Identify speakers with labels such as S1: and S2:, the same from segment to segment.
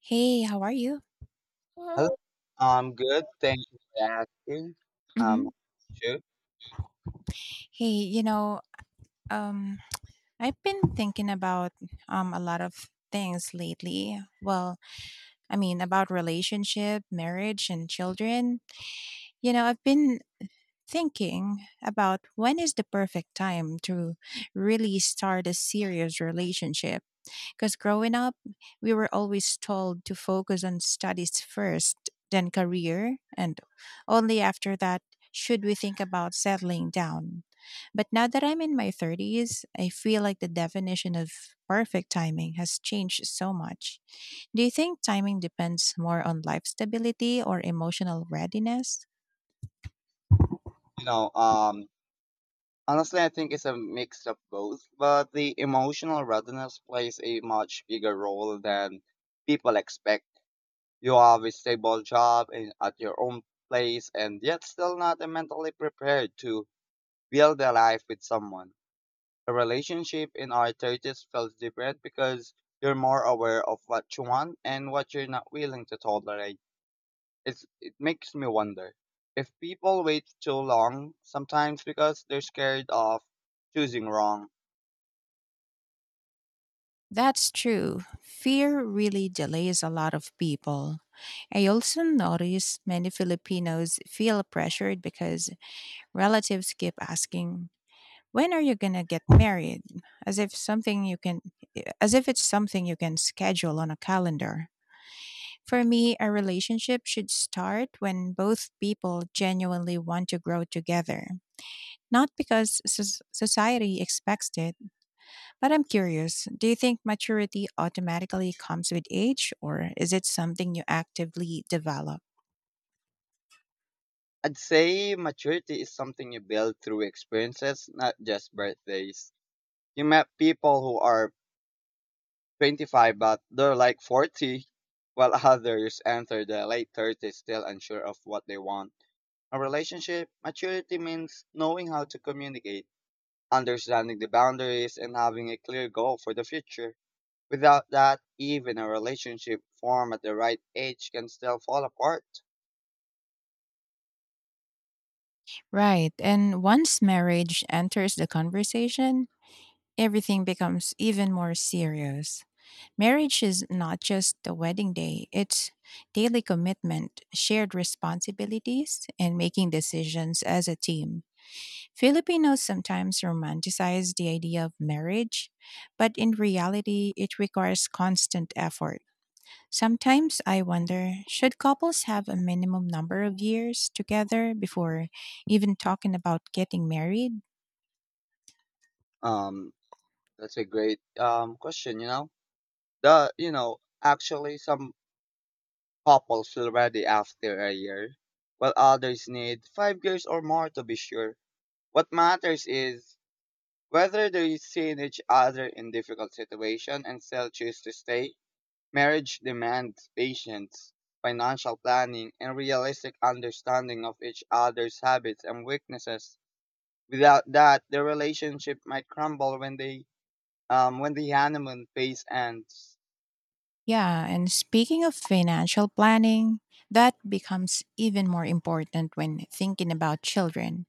S1: Hey, how are you?
S2: Hello. I'm good. Thank you for asking. Um,
S1: hmm
S2: sure.
S1: Hey, um, I've been thinking about a lot of things lately. About relationship, marriage, and children. You know, I've been thinking about when is the perfect time to really start a serious relationship. Because growing up, we were always told to focus on studies first, then career, and only after that should we think about settling down. But now that I'm in my 30s, I feel like the definition of perfect timing has changed so much. Do you think timing depends more on life stability or emotional readiness?
S2: You know, um, Honestly, I think it's a mix of both, but the emotional readiness plays a much bigger role than people expect. You have a stable job and at your own place, and yet still not mentally prepared to build a life with someone. A relationship in our 30s feels different because you're more aware of what you want and what you're not willing to tolerate. It makes me wonder if people wait too long, sometimes because they're scared of choosing wrong.
S1: That's true. Fear really delays a lot of people. I also notice many Filipinos feel pressured because relatives keep asking, "When are you going to get married?" as if something you can as if it's something you can schedule on a calendar. For me, a relationship should start when both people genuinely want to grow together, not because society expects it. But I'm curious, do you think maturity automatically comes with age, or is it something you actively develop?
S2: I'd say maturity is something you build through experiences, not just birthdays. You met people who are 25 but they're like 40, while others enter their late 30s still unsure of what they want. A relationship, maturity means knowing how to communicate, understanding the boundaries, and having a clear goal for the future. Without that, even a relationship formed at the right age can still fall apart.
S1: Right. And once marriage enters the conversation, everything becomes even more serious. Marriage is not just the wedding day, it's daily commitment, shared responsibilities, and making decisions as a team. Filipinos sometimes romanticize the idea of marriage, but in reality, it requires constant effort. Sometimes I wonder, should couples have a minimum number of years together before even talking about getting married?
S2: Um, that's a great question. You know, the you know Actually, some couples feel ready after a year, while others need 5 years or more to be sure. What matters is whether they see each other in difficult situation and still choose to stay. Marriage demands patience, financial planning, and realistic understanding of each other's habits and weaknesses. Without that, the relationship might crumble when they when the honeymoon phase ends.
S1: Yeah, and speaking of financial planning, that becomes even more important when thinking about children.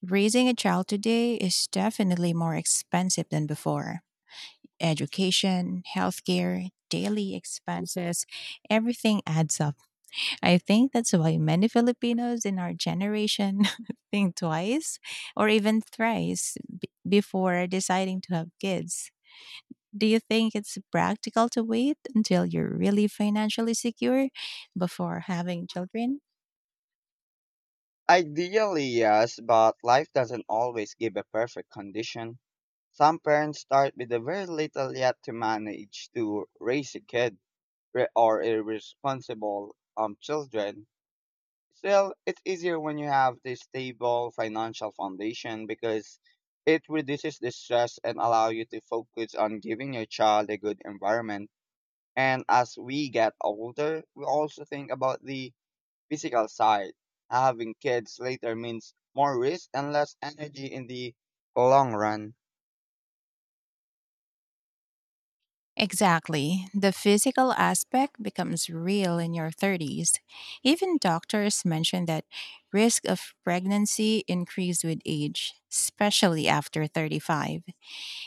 S1: Raising a child today is definitely more expensive than before. Education, healthcare, daily expenses, everything adds up. I think that's why many Filipinos in our generation think twice or even thrice before deciding to have kids. Do you think it's practical to wait until you're really financially secure before having children?
S2: Ideally, yes, but life doesn't always give a perfect condition. Some parents start with a very little yet to manage to raise a kid or irresponsible children. Still, it's easier when you have this stable financial foundation because it reduces the stress and allow you to focus on giving your child a good environment. And as we get older, we also think about the physical side. Having kids later means more risk and less energy in the long run.
S1: Exactly. The physical aspect becomes real in your 30s. Even doctors mention that risk of pregnancy increased with age, especially after 35.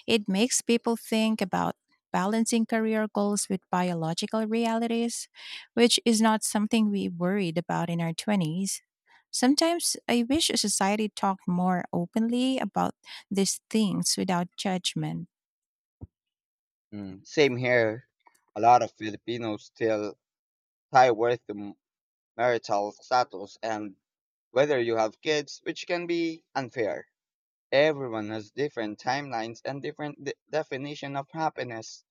S1: It makes people think about balancing career goals with biological realities, which is not something we worried about in our 20s. Sometimes I wish society talked more openly about these things without judgment.
S2: Mm. Same here. A lot of Filipinos still tie worth to marital status and whether you have kids, which can be unfair. Everyone has different timelines and different definition of happiness.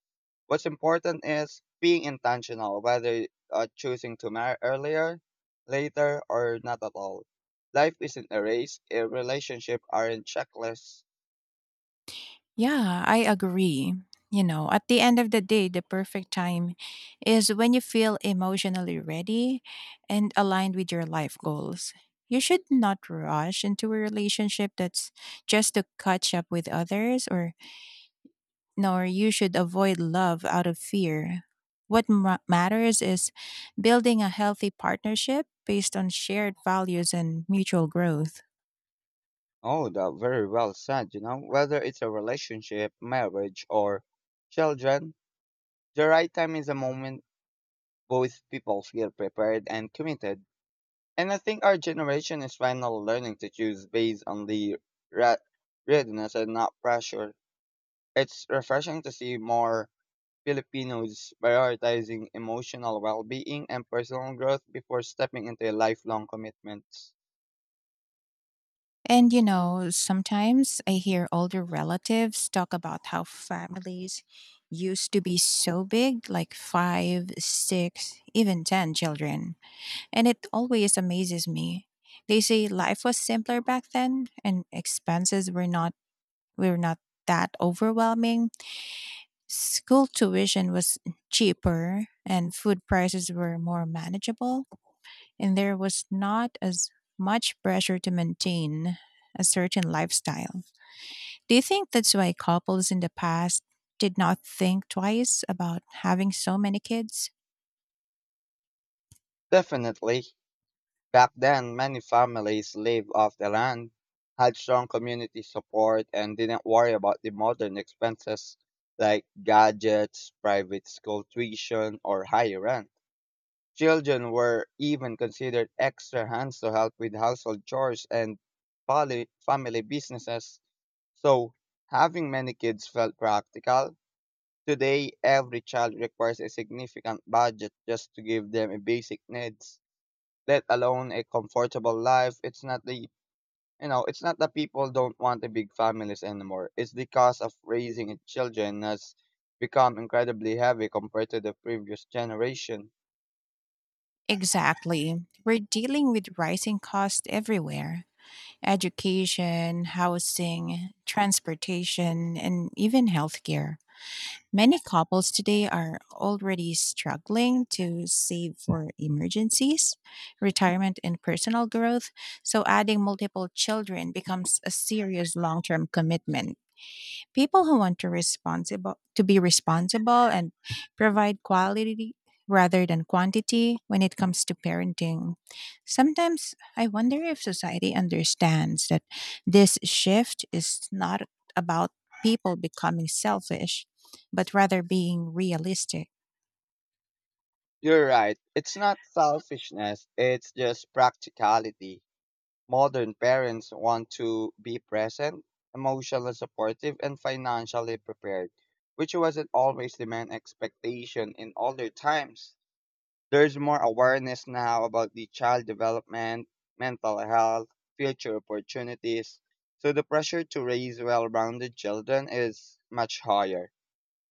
S2: What's important is being intentional, whether choosing to marry earlier, later, or not at all. Life isn't a race, a relationship aren't checklists.
S1: Yeah, I agree. You know, at the end of the day, the perfect time is when you feel emotionally ready and aligned with your life goals. You should not rush into a relationship that's just to catch up with others, or nor you should avoid love out of fear. What matters is building a healthy partnership based on shared values and mutual growth.
S2: Oh, that very well said. Whether it's a relationship, marriage, or children, the right time is a moment both people feel prepared and committed. And I think our generation is finally learning to choose based on the re- readiness and not pressure. It's refreshing to see more Filipinos prioritizing emotional well being and personal growth before stepping into lifelong commitments.
S1: And you know, sometimes I hear older relatives talk about how families used to be so big, like five, six, even 10 children. And it always amazes me. They say life was simpler back then and expenses were not that overwhelming. School tuition was cheaper and food prices were more manageable and there was not as much pressure to maintain a certain lifestyle. Do you think that's why couples in the past did not think twice about having so many kids?
S2: Definitely, back then, many families lived off the land, had strong community support, and didn't worry about the modern expenses like gadgets, private school tuition, or higher rent. Children were even considered extra hands to help with household chores and family businesses. So, having many kids felt practical. Today, every child requires a significant budget just to give them a basic needs, let alone a comfortable life. It's not the you know, it's not that people don't want a big families anymore. It's the cost of raising children has become incredibly heavy compared to the previous generation.
S1: Exactly. We're dealing with rising costs everywhere, education, housing, transportation, and even healthcare. Many couples today are already struggling to save for emergencies, retirement, and personal growth, so adding multiple children becomes a serious long term commitment. People who want to responsible to be responsible and provide quality rather than quantity when it comes to parenting. Sometimes I wonder if society understands that this shift is not about people becoming selfish, but rather being realistic.
S2: You're right. It's not selfishness, it's just practicality. Modern parents want to be present, emotionally supportive, and financially prepared, which wasn't always the main expectation in older times. There's more awareness now about the child development, mental health, future opportunities, so the pressure to raise well rounded children is much higher.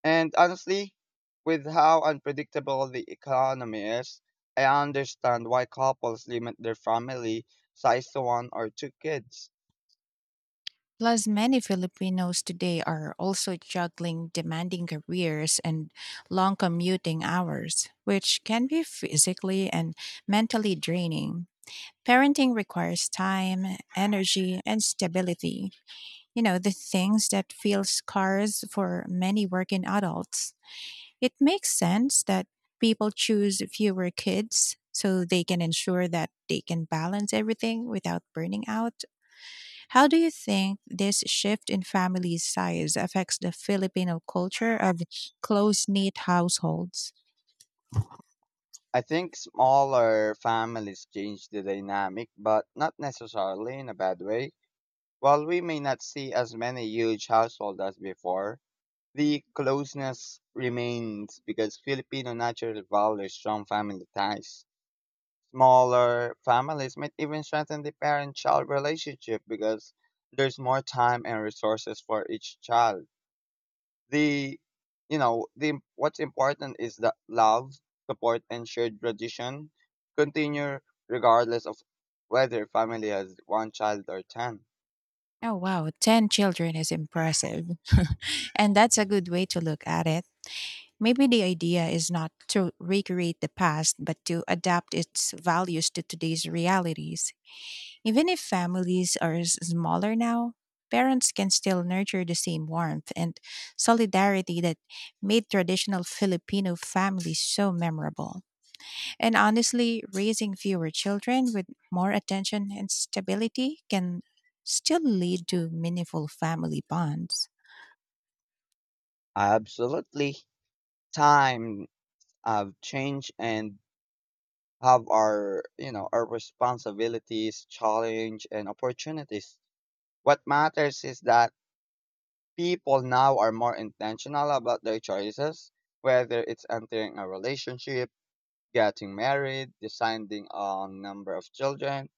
S2: And honestly, with how unpredictable the economy is, I understand why couples limit their family size to one or two kids.
S1: Plus, many Filipinos today are also juggling demanding careers and long commuting hours, which can be physically and mentally draining. Parenting requires time, energy, and stability. You know, the things that feel scarce for many working adults. It makes sense that people choose fewer kids so they can ensure that they can balance everything without burning out. How do you think this shift in family size affects the Filipino culture of close knit households?
S2: I think smaller families change the dynamic, but not necessarily in a bad way. While we may not see as many huge households as before, the closeness remains because Filipino naturally values strong family ties. Smaller families might even strengthen the parent child relationship because there's more time and resources for each child. The you know, the what's important is that love, support and shared tradition continue regardless of whether family has one child or 10.
S1: Oh, wow, 10 children is impressive. And that's a good way to look at it. Maybe the idea is not to recreate the past, but to adapt its values to today's realities. Even if families are smaller now, parents can still nurture the same warmth and solidarity that made traditional Filipino families so memorable. And honestly, raising fewer children with more attention and stability can still lead to meaningful family bonds.
S2: Absolutely. Time have changed and have our responsibilities, challenge and opportunities. What matters is that people now are more intentional about their choices, whether it's entering a relationship, getting married, deciding on number of children.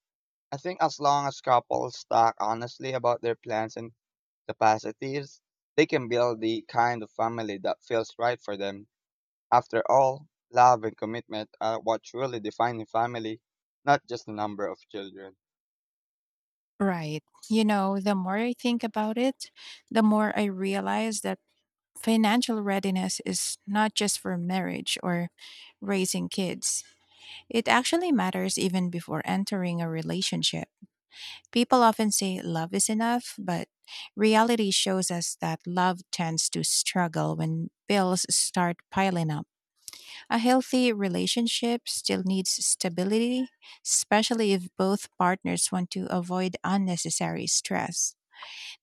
S2: I think as long as couples talk honestly about their plans and capacities, they can build the kind of family that feels right for them. After all, love and commitment are what truly define a family, not just the number of children.
S1: Right. You know, the more I think about it, the more I realize that financial readiness is not just for marriage or raising kids. It actually matters even before entering a relationship. People often say love is enough, but reality shows us that love tends to struggle when bills start piling up. A healthy relationship still needs stability, especially if both partners want to avoid unnecessary stress.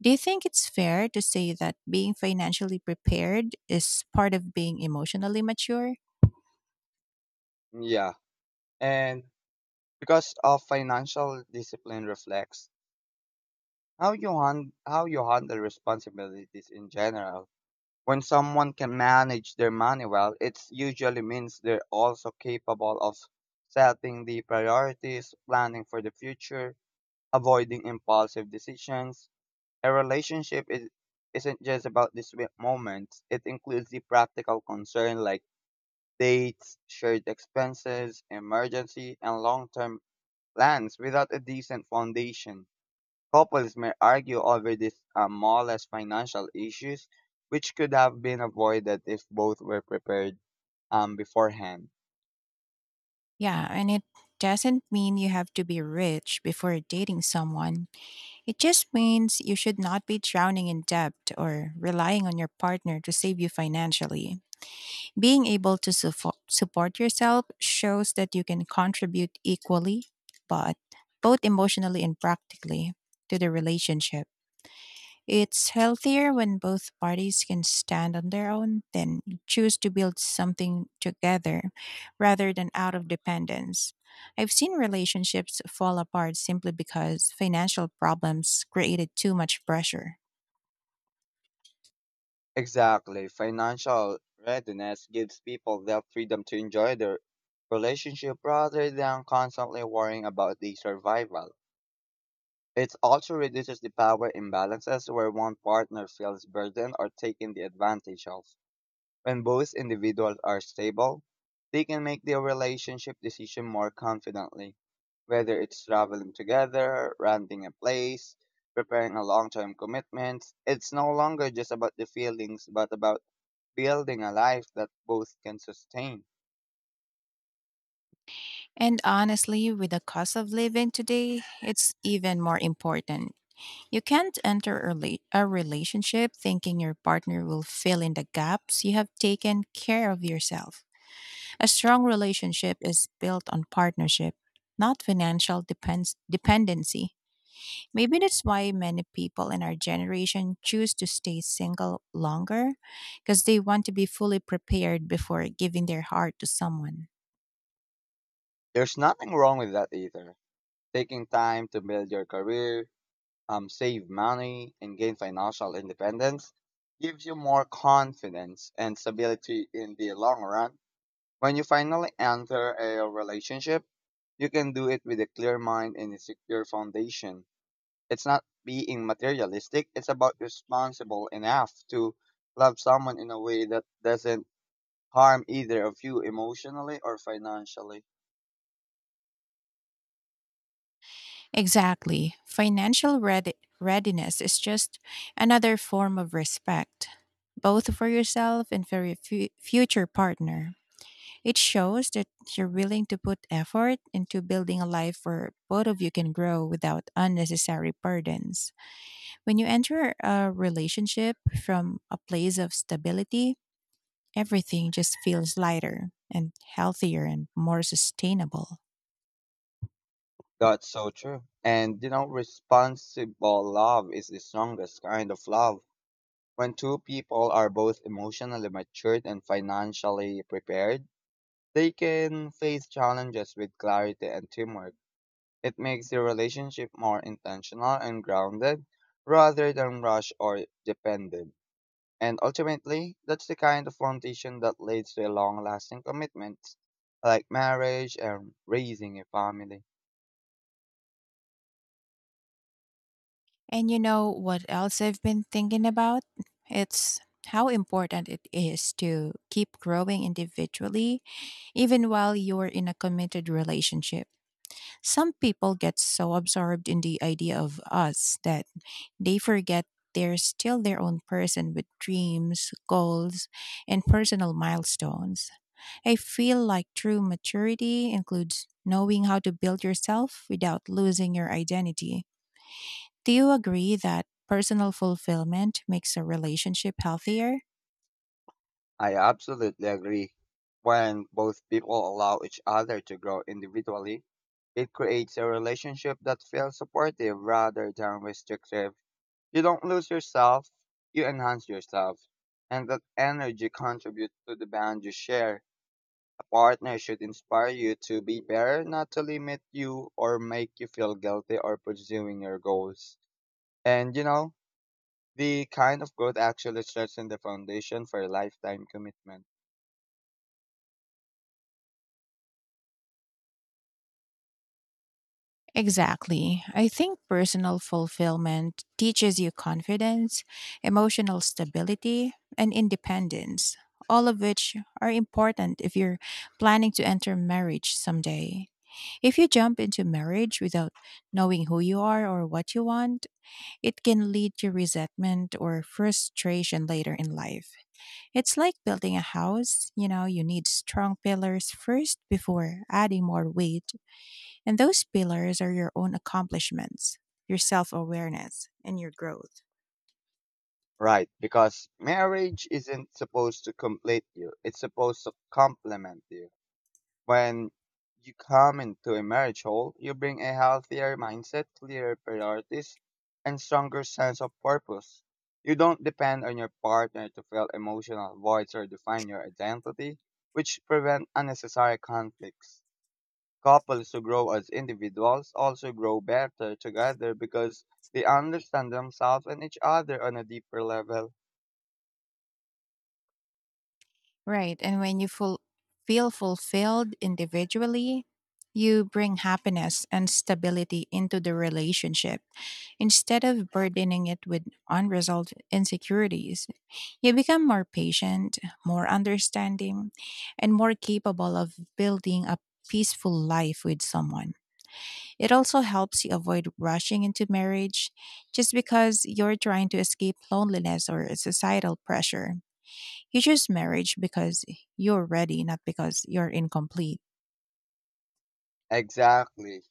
S1: Do you think it's fair to say that being financially prepared is part of being emotionally mature?
S2: Yeah. And because of financial discipline reflects how you handle responsibilities in general. When someone can manage their money well, it usually means they're also capable of setting the priorities, planning for the future, avoiding impulsive decisions. A relationship is isn't just about the sweet moments. It includes the practical concern like dates, shared expenses, emergency, and long-term plans. Without a decent foundation, couples may argue over these smallest financial issues, which could have been avoided if both were prepared beforehand.
S1: Yeah, and it doesn't mean you have to be rich before dating someone. It just means you should not be drowning in debt or relying on your partner to save you financially. Being able to support yourself shows that you can contribute equally, but both emotionally and practically, to the relationship. It's healthier when both parties can stand on their own, then choose to build something together rather than out of dependence. I've seen relationships fall apart simply because financial problems created too much pressure.
S2: Exactly. Financial readiness gives people the freedom to enjoy their relationship rather than constantly worrying about the survival. It also reduces the power imbalances where one partner feels burdened or taken the advantage of. When both individuals are stable, they can make their relationship decision more confidently. Whether it's traveling together, renting a place, preparing a long-term commitment, it's no longer just about the feelings, but about building a life that both can sustain.
S1: And honestly, with the cost of living today, it's even more important. You can't enter a, a relationship thinking your partner will fill in the gaps you have taken care of yourself. A strong relationship is built on partnership, not financial dependency. Maybe that's why many people in our generation choose to stay single longer because they want to be fully prepared before giving their heart to someone.
S2: There's nothing wrong with that either. Taking time to build your career, save money, and gain financial independence gives you more confidence and stability in the long run. When you finally enter a relationship, you can do it with a clear mind and a secure foundation. It's not being materialistic, it's about responsible enough to love someone in a way that doesn't harm either of you emotionally or financially.
S1: Exactly. Financial readiness is just another form of respect, both for yourself and for your future partner. It shows that you're willing to put effort into building a life where both of you can grow without unnecessary burdens. When you enter a relationship from a place of stability, everything just feels lighter and healthier and more sustainable.
S2: That's so true. And responsible love is the strongest kind of love. When two people are both emotionally matured and financially prepared, they can face challenges with clarity and teamwork. It makes the relationship more intentional and grounded rather than rushed or dependent. And ultimately, that's the kind of foundation that leads to a long lasting commitment, like marriage and raising a family.
S1: And you know what else I've been thinking about? It's how important it is to keep growing individually, even while you're in a committed relationship. Some people get so absorbed in the idea of us that they forget they're still their own person with dreams, goals, and personal milestones. I feel like true maturity includes knowing how to build yourself without losing your identity. Do you agree that personal fulfillment makes a relationship healthier?
S2: I absolutely agree. When both people allow each other to grow individually, it creates a relationship that feels supportive rather than restrictive. You don't lose yourself, you enhance yourself. And that energy contributes to the bond you share. A partner should inspire you to be better, not to limit you or make you feel guilty or pursuing your goals. And the kind of growth actually strengthens the foundation for a lifetime commitment.
S1: Exactly. I think personal fulfillment teaches you confidence, emotional stability, and independence, all of which are important if you're planning to enter marriage someday. If you jump into marriage without knowing who you are or what you want, it can lead to resentment or frustration later in life. It's like building a house, you know, you need strong pillars first before adding more weight and those pillars are your own accomplishments, your self awareness, and your growth.
S2: Right, because marriage isn't supposed to complete you, it's supposed to complement you. When you come into a marriage hole, you bring a healthier mindset, clearer priorities, and stronger sense of purpose. You don't depend on your partner to fill emotional voids or define your identity, which prevent unnecessary conflicts. Couples who grow as individuals also grow better together because they understand themselves and each other on a deeper level.
S1: Right. And when you feel fulfilled individually, you bring happiness and stability into the relationship instead of burdening it with unresolved insecurities. You become more patient, more understanding, and more capable of building a peaceful life with someone. It also helps you avoid rushing into marriage just because you're trying to escape loneliness or societal pressure. You choose marriage because you're ready, not because you're incomplete.
S2: Exactly.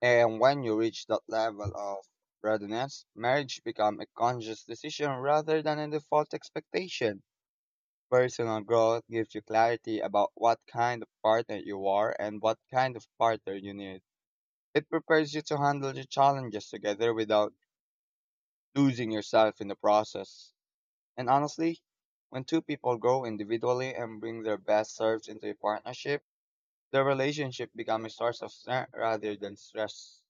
S2: And when you reach that level of readiness, marriage becomes a conscious decision rather than a default expectation. Personal growth gives you clarity about what kind of partner you are and what kind of partner you need. It prepares you to handle the challenges together without losing yourself in the process. And honestly, when two people grow individually and bring their best selves into a partnership, the relationship becomes a source of strength rather than stress.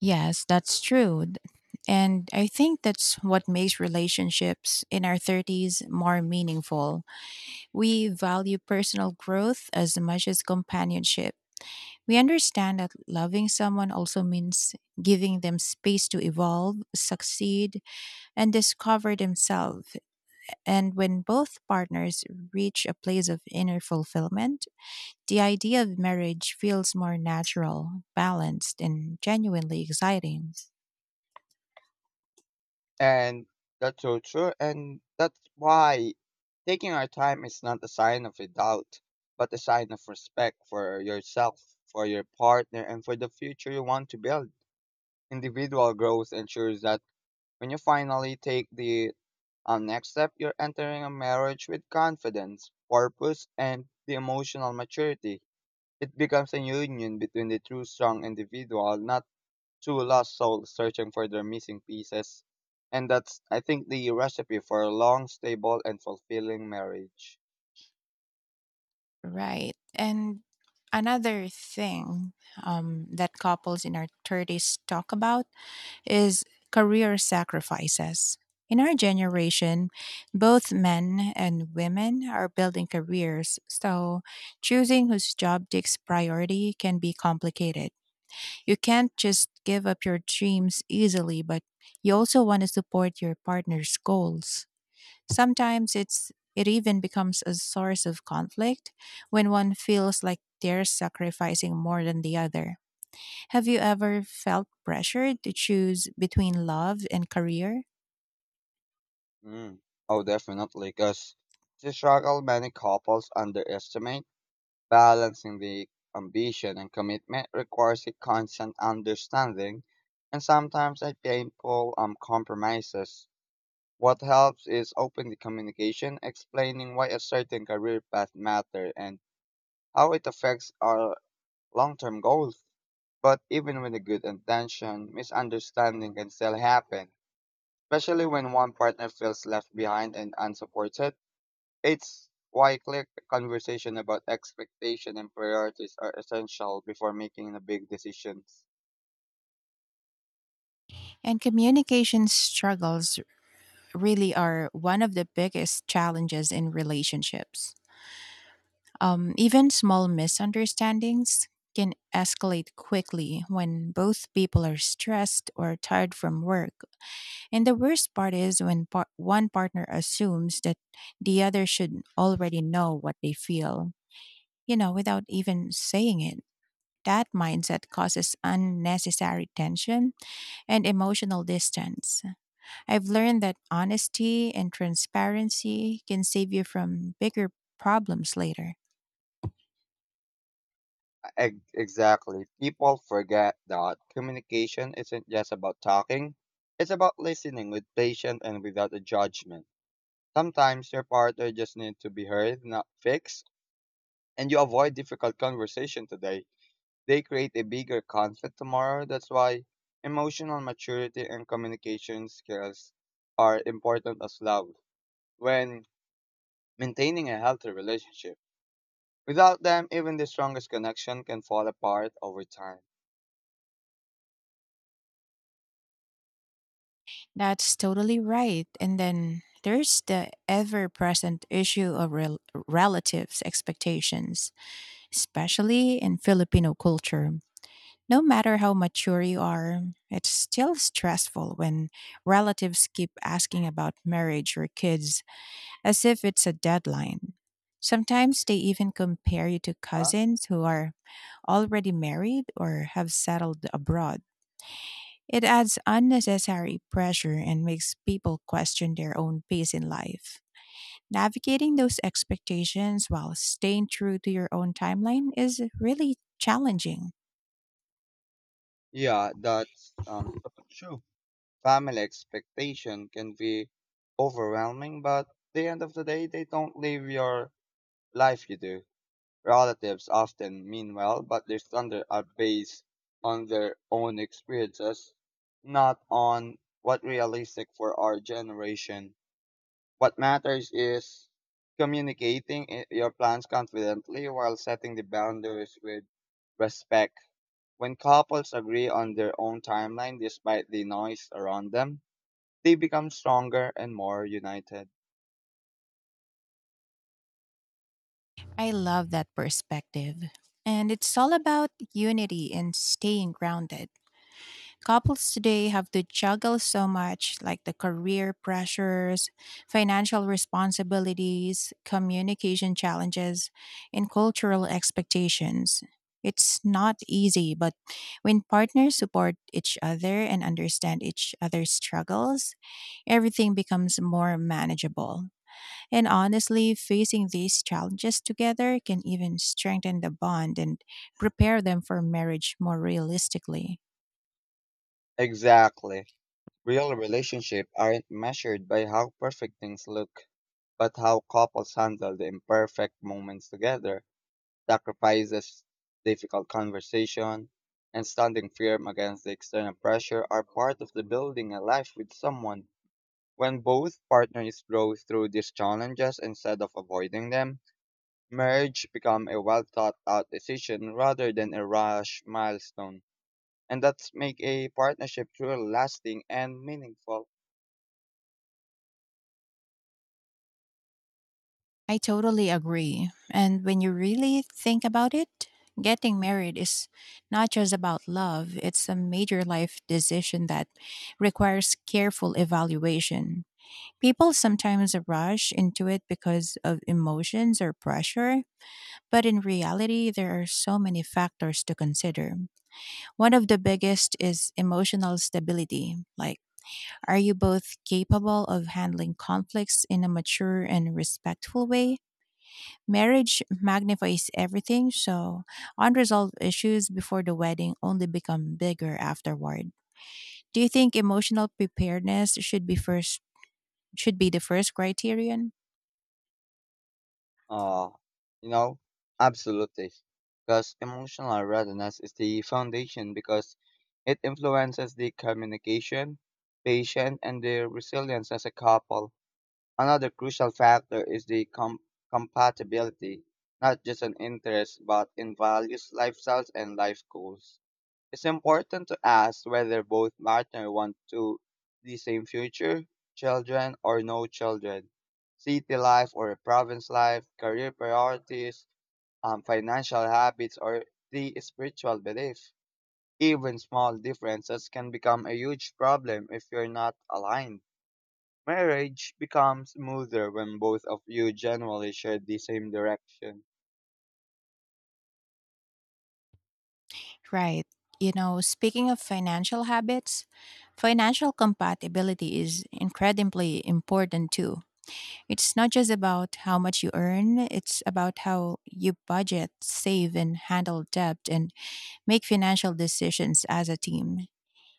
S1: Yes, that's true. And I think that's what makes relationships in our 30s more meaningful. We value personal growth as much as companionship. We understand that loving someone also means giving them space to evolve, succeed, and discover themselves. And when both partners reach a place of inner fulfillment, the idea of marriage feels more natural, balanced, and genuinely exciting.
S2: And that's so true. And that's why taking our time is not a sign of a doubt, but a sign of respect for yourself, for your partner, and for the future you want to build. Individual growth ensures that when you finally take the next step, you're entering a marriage with confidence, purpose, and the emotional maturity. It becomes a union between the true strong individual, not two lost souls searching for their missing pieces. And that's, I think, the recipe for a long, stable, and fulfilling marriage.
S1: Right. And another thing, that couples in our 30s talk about is career sacrifices. In our generation, both men and women are building careers, so choosing whose job takes priority can be complicated. You can't just give up your dreams easily, but you also want to support your partner's goals. Sometimes it's It even becomes a source of conflict when one feels like they're sacrificing more than the other. Have you ever felt pressured to choose between love and career?
S2: Mm. Oh, definitely, because the struggle many couples underestimate, balancing the ambition and commitment requires a constant understanding and sometimes a painful compromises. What helps is open the communication, explaining why a certain career path matter and how it affects our long-term goals. But even with a good intention, misunderstanding can still happen, especially when one partner feels left behind and unsupported. It's why clear conversation about expectation and priorities are essential before making the big decisions.
S1: And communication struggles really are one of the biggest challenges in relationships. Even small misunderstandings can escalate quickly when both people are stressed or tired from work. And the worst part is when one partner assumes that the other should already know what they feel, you know, without even saying it. That mindset causes unnecessary tension and emotional distance. I've learned that honesty and transparency can save you from bigger problems later.
S2: Exactly. People forget that communication isn't just about talking. It's about listening with patience and without a judgment. Sometimes your partner just needs to be heard, not fixed. And you avoid difficult conversation today, they create a bigger conflict tomorrow. That's why emotional maturity and communication skills are important as well when maintaining a healthy relationship. Without them, even the strongest connection can fall apart over time.
S1: That's totally right. And then there's the ever present issue of relatives' expectations, especially in Filipino culture. No matter how mature you are, it's still stressful when relatives keep asking about marriage or kids as if it's a deadline. Sometimes they even compare you to
S2: Uh-huh.
S1: cousins who are already married or have settled abroad. It adds unnecessary pressure and makes people question their own pace in life. Navigating those expectations while staying true to your own timeline is really challenging.
S2: Yeah, that's so true. Family expectation can be overwhelming, but at the end of the day, they don't live your life you do. Relatives often mean well, but their standards are based on their own experiences, not on what realistic for our generation. What matters is communicating your plans confidently while setting the boundaries with respect. When couples agree on their own timeline despite the noise around them, they become stronger and more united.
S1: I love that perspective. And it's all about unity and staying grounded. Couples today have to juggle so much, like the career pressures, financial responsibilities, communication challenges, and cultural expectations. It's not easy, but when partners support each other and understand each other's struggles, everything becomes more manageable. And honestly, facing these challenges together can even strengthen the bond and prepare them for marriage more realistically.
S2: Exactly. Real relationships aren't measured by how perfect things look, but how couples handle the imperfect moments together, sacrifices, difficult conversation, and standing firm against the external pressure are part of the building a life with someone. When both partners grow through these challenges instead of avoiding them, marriage becomes a well thought out decision rather than a rush milestone, and that's make a partnership truly lasting and meaningful.
S1: I totally agree. And when you really think about it, getting married is not just about love, it's a major life decision that requires careful evaluation. People sometimes rush into it because of emotions or pressure, but in reality, there are so many factors to consider. One of the biggest is emotional stability. Like, are you both capable of handling conflicts in a mature and respectful way? Marriage magnifies everything, so unresolved issues before the wedding only become bigger afterward. Do you think emotional preparedness should be the first criterion?
S2: Uh, you know, Absolutely. Because emotional readiness is the foundation because it influences the communication, patience, and the resilience as a couple. Another crucial factor is the compatibility, not just in interests, but in values, lifestyles, and life goals. It's important to ask whether both partners want to the same future, children or no children, city life or province life, career priorities, financial habits, or the spiritual belief. Even small differences can become a huge problem if you're not aligned. Marriage becomes smoother when both of you generally share the same direction.
S1: Right. You know, speaking of financial habits, financial compatibility is incredibly important too. It's not just about how much you earn, it's about how you budget, save, and handle debt and make financial decisions as a team.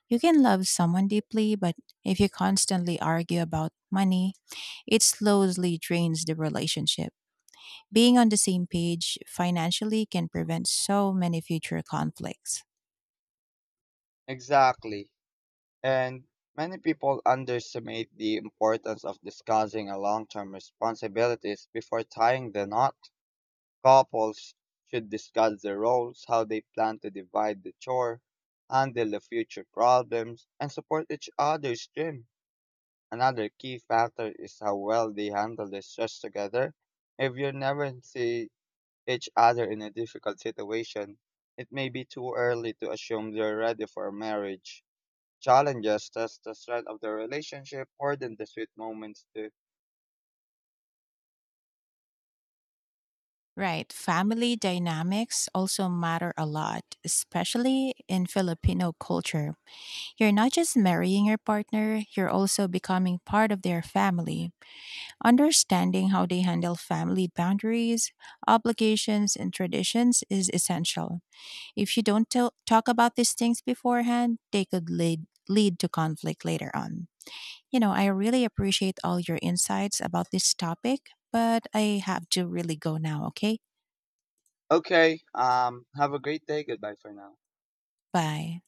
S1: You can love someone deeply, but if you constantly argue about money, it slowly drains the relationship. Being on the same page financially can prevent so many future conflicts.
S2: Exactly. And many people underestimate the importance of discussing a long-term responsibilities before tying the knot. Couples should discuss their roles, how they plan to divide the chore, handle the future problems, and support each other's dream. Another key factor is how well they handle the stress together. If you never see each other in a difficult situation, it may be too early to assume they're ready for marriage. Challenges test the strength of the relationship more than the sweet moments do.
S1: Right. Family dynamics also matter a lot, especially in Filipino culture. You're not just marrying your partner, you're also becoming part of their family. Understanding how they handle family boundaries, obligations, and traditions is essential. If you don't tell, talk about these things beforehand, they could lead to conflict later on. You know, I really appreciate all your insights about this topic, but I have to really go now, okay?
S2: Okay, have a great day. Goodbye for now.
S1: Bye.